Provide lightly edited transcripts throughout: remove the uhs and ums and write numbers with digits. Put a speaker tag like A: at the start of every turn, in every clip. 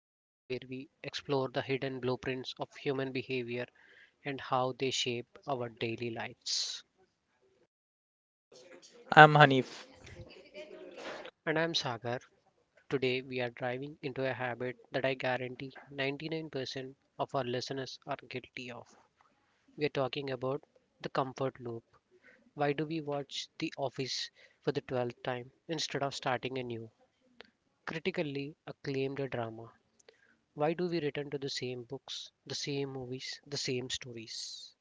A: the show where we explore the hidden blueprints of human behavior and how they shape our daily lives.
B: I'm Hanif.
A: And I'm Sagar. Today we are driving into a habit that I guarantee 99% of our listeners are guilty of. We are talking about the comfort loop. Why do we watch The Office for the 12th time instead of starting a new, critically acclaimed drama? Why do we return to the same books, the same movies, the same stories?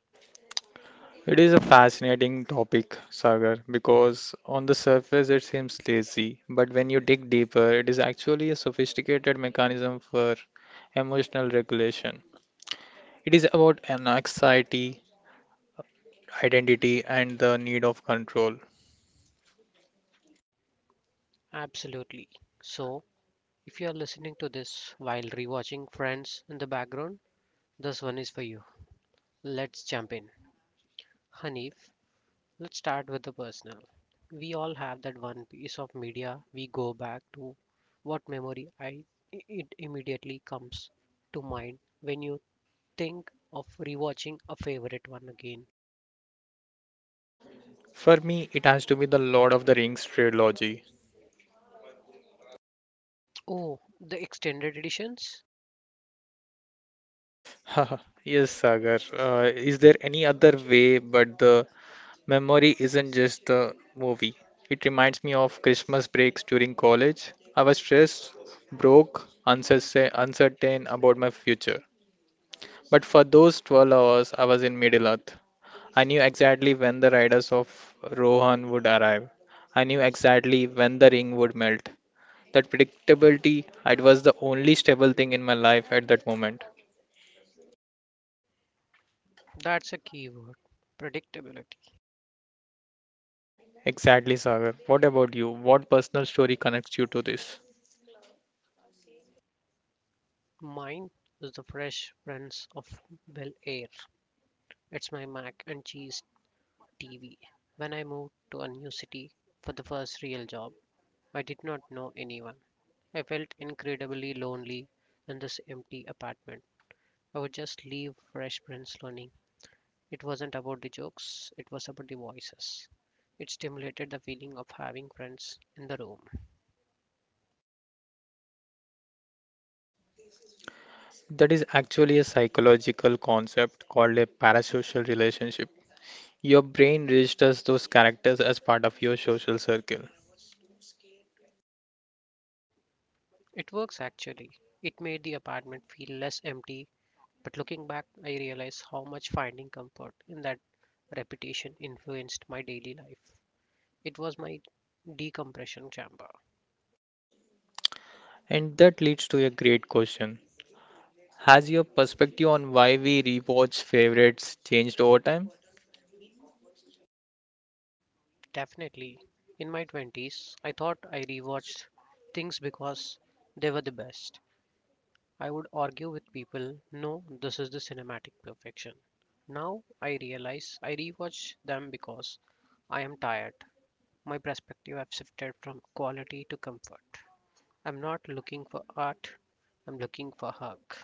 B: It is a fascinating topic, Sagar, because on the surface it seems lazy, but when you dig deeper, it is actually a sophisticated mechanism for emotional regulation. It is about an anxiety, identity, and the need of control.
A: Absolutely. So, if you are listening to this while rewatching Friends in the background, this one is for you. Let's jump in. Hanif, let's start with the personal. We all have that one piece of media we go back to. What memory I it immediately comes to mind when you think of rewatching a favorite one again?
B: For me, it has to be the Lord of the Rings trilogy.
A: Oh, the extended editions?
B: Yes, Sagar. Is there any other way but the Memory isn't just the movie. It reminds me of Christmas breaks during college. I was stressed, broke, uncertain about my future. But for those 12 hours, I was in Middle Earth. I knew exactly when the riders of Rohan would arrive. I knew exactly when the ring would melt. That predictability, it was the only stable thing in my life at that moment.
A: That's a key word, predictability.
B: Exactly, Sagar. What about you? What personal story connects you to this?
A: Mine is the Fresh Prince of Bel Air. It's my mac and cheese TV. When I moved to a new city for the first real job, I did not know anyone. I felt incredibly lonely in this empty apartment. I would just leave Fresh Prince learning. It wasn't about the jokes, it was about the voices. It stimulated the feeling of having friends in the room.
B: That is actually a psychological concept called a parasocial relationship. Your brain registers those characters as part of your social circle.
A: It works actually. It made the apartment feel less empty. But looking back, I realized how much finding comfort in that repetition influenced my daily life. It was my decompression chamber.
B: And that leads to a great question. Has your perspective on why we rewatch favorites changed over time?
A: Definitely. In my 20s, I thought I rewatched things because they were the best. I would argue with people, no, this is the cinematic perfection. Now I realize I rewatch them because I am tired. My perspective has shifted from quality to comfort. I'm not looking for art, I'm looking for hug.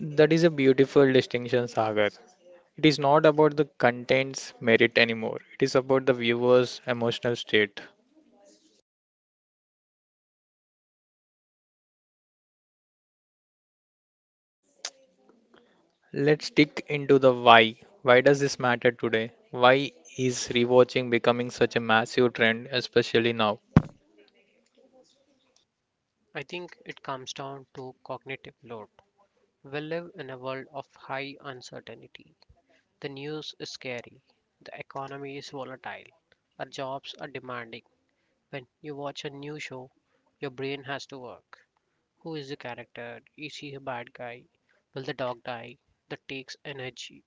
B: That is a beautiful distinction, Sagar. It is not about the content's merit anymore, it is about the viewer's emotional state. Let's dig into the why. Why does this matter today? Why is rewatching becoming such a massive trend, especially now?
A: I think it comes down to cognitive load. We live in a world of high uncertainty. The news is scary, the economy is volatile, our jobs are demanding. When you watch a new show, your brain has to work. Who is the character? Is he a bad guy? Will the dog die? That takes energy.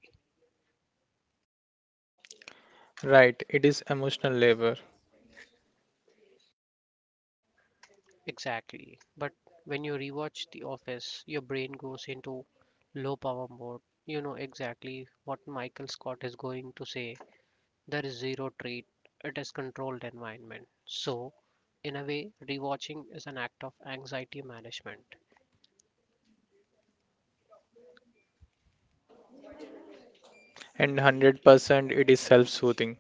B: Right, it is emotional labor,
A: Exactly. But when you rewatch The Office, your brain goes into low power mode. You know exactly what Michael Scott is going to say. There is zero treat. It is controlled environment. So, in a way, rewatching is an act of anxiety management.
B: and 100% it is self soothing.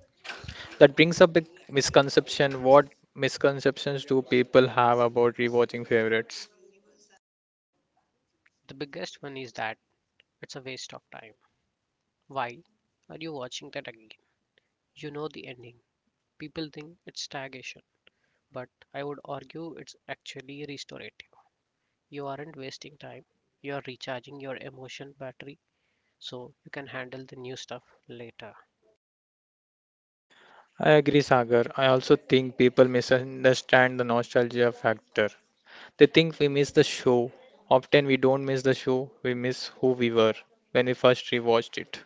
B: That brings up a misconception. What misconceptions do people have about rewatching favorites?
A: The biggest one is that it's a waste of time. Why are you watching that again? You know the ending. People think it's stagnation, but I would argue it's actually restorative. You aren't wasting time. You are recharging your emotion battery so you can handle the new stuff later.
B: I agree, Sagar. I also think people misunderstand the nostalgia factor. They think we miss the show. Often we don't miss the show, we miss who we were when we first rewatched it.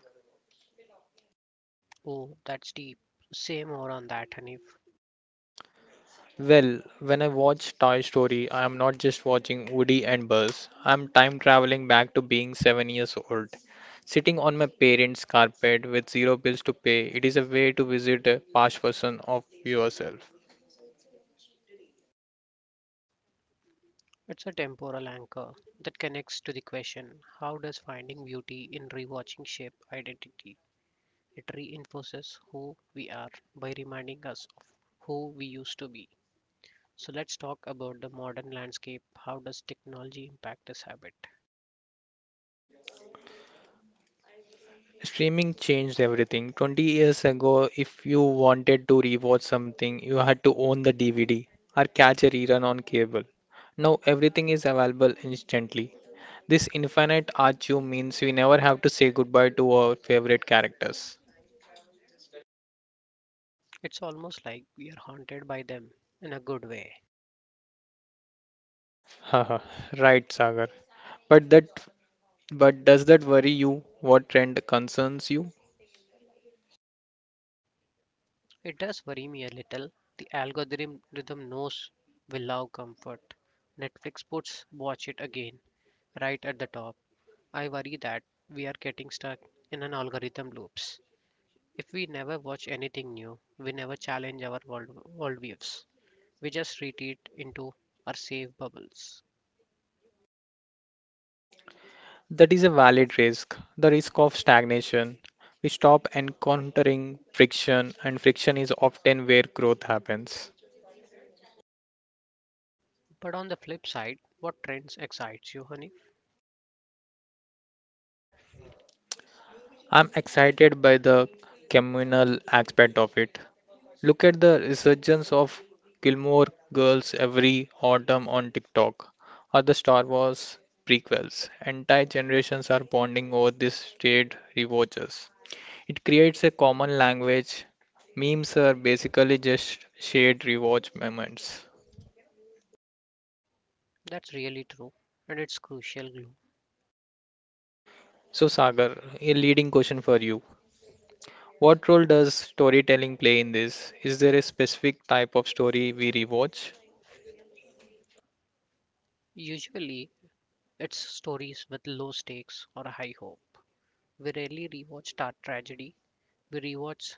A: Oh, that's deep. Say more on that, Hanif.
B: Well, when I watch Toy Story, I am not just watching Woody and Buzz. I am time traveling back to being 7 years old. Sitting on my parents' carpet with zero bills to pay, it is a way to visit a past version of yourself.
A: It's a temporal anchor that connects to the question, how does finding beauty in rewatching shape identity? It reinforces who we are by reminding us of who we used to be. So let's talk about the modern landscape. How does technology impact this habit?
B: Streaming changed everything. 20 years ago, if you wanted to rewatch something, you had to own the DVD or catch a rerun on cable. Now everything is available instantly. This infinite archive means we never have to say goodbye to our favorite characters.
A: It's almost like we are haunted by them in a good way.
B: Haha, right, Sagar. But that, but does that worry you? What trend concerns you?
A: It does worry me a little. The algorithm knows we love comfort. Netflix puts watch it again right at the top. I worry that we are getting stuck in an algorithm loops. If we never watch anything new, we never challenge our worldviews. We just retreat into our safe bubbles.
B: That is a valid risk, the risk of stagnation. We stop encountering friction, and friction is often where growth happens.
A: But on the flip side, what trends excites you, Hanif?
B: I'm excited by the communal aspect of it. Look at the resurgence of Gilmore Girls every autumn on TikTok, or the Star Wars prequels. Entire generations are bonding over these shared rewatches. It creates a common language. Memes are basically just shared rewatch moments.
A: That's really true, and it's crucial glue.
B: So, Sagar, a leading question for you. What role does storytelling play in this? Is there a specific type of story we rewatch?
A: Usually, it's stories with low stakes or a high hope. We rarely rewatch tar tragedy. We rewatch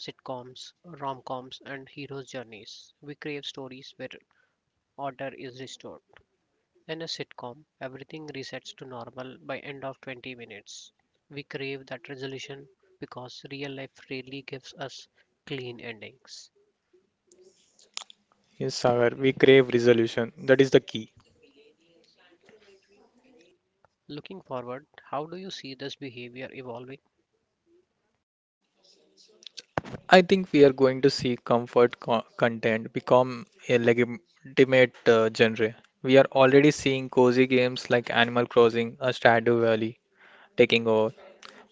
A: sitcoms, rom-coms, and heroes' journeys. We crave stories where order is restored. In a sitcom, everything resets to normal by end of 20 minutes. We crave that resolution because real life rarely gives us clean endings.
B: Yes, Sagar, we crave resolution. That is the key.
A: Looking forward, how do you see this behavior evolving,
B: I think we are going to see content become a legitimate genre. We are already seeing cozy games like Animal Crossing or Stardew Valley taking over.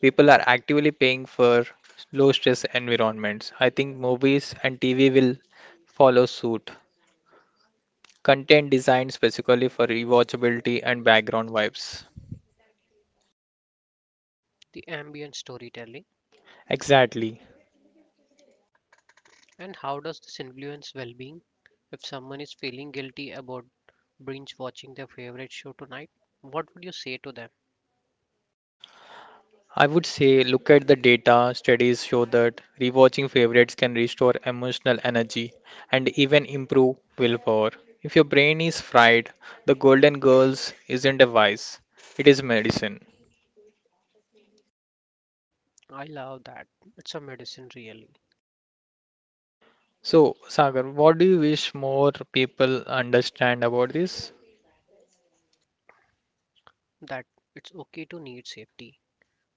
B: People are actively paying for low stress environments. I think movies and TV will follow suit. Content designed specifically for rewatchability and background vibes.
A: the ambient storytelling,
B: Exactly.
A: and how does this influence well-being? If someone is feeling guilty about binge watching their favorite show tonight, what would you say to them?
B: I would say look at the data. Studies show that rewatching favorites can restore emotional energy and even improve willpower. If your brain is fried, the Golden Girls isn't a vice, it is medicine.
A: I love that. It's a medicine really.
B: So, Sagar, what do you wish more people understand about this?
A: That it's okay to need safety.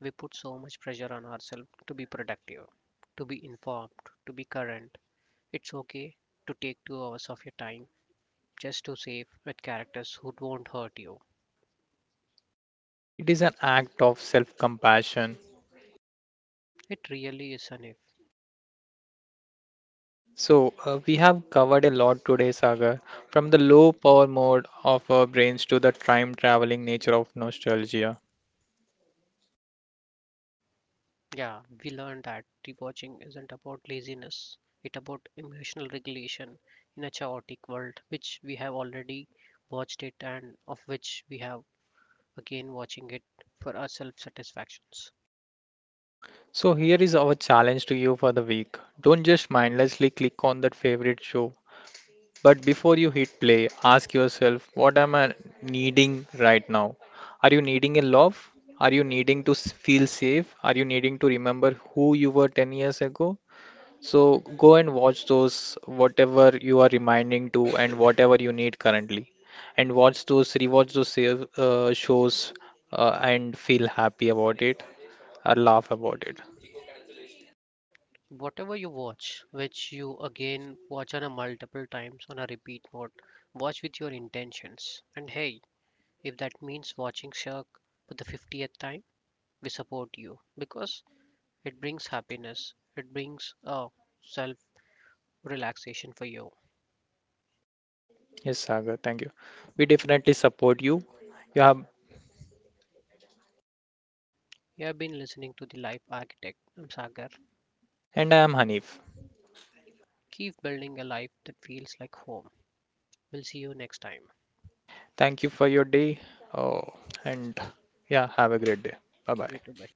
A: We put so much pressure on ourselves to be productive, to be informed, to be current. It's okay to take 2 hours of your time just to save with characters who won't hurt you.
B: It is an act of self compassion.
A: It really is an if.
B: So, we have covered a lot today, Sagar, from the low power mode of our brains to the time traveling nature of nostalgia.
A: Yeah, we learned that rewatching isn't about laziness, it's about emotional regulation in a chaotic world, which we have already watched it and of which we have again watching it for our self satisfactions.
B: So here is our challenge to you for the week. Don't just mindlessly click on that favorite show, but before you hit play, ask yourself, what am I needing right now? Are you needing a love? Are you needing to feel safe? Are you needing to remember who you were 10 years ago? So go and watch those whatever you are reminding to and whatever you need currently. And watch those, rewatch those shows and feel happy about it or laugh about it.
A: Whatever you watch, which you again watch on a multiple times on a repeat mode, watch with your intentions. And hey, if that means watching Shark for the 50th time, we support you because it brings happiness, it brings a self relaxation for you.
B: Yes, Sagar, thank you. We definitely support you. You have,
A: You have been listening to The Life Architect. I'm Sagar.
B: and I am Hanif.
A: Keep building a life that feels like home. We'll see you next time.
B: Thank you for your day. Oh, and yeah, have a great day. Bye
A: You too,
B: bye.
A: bye.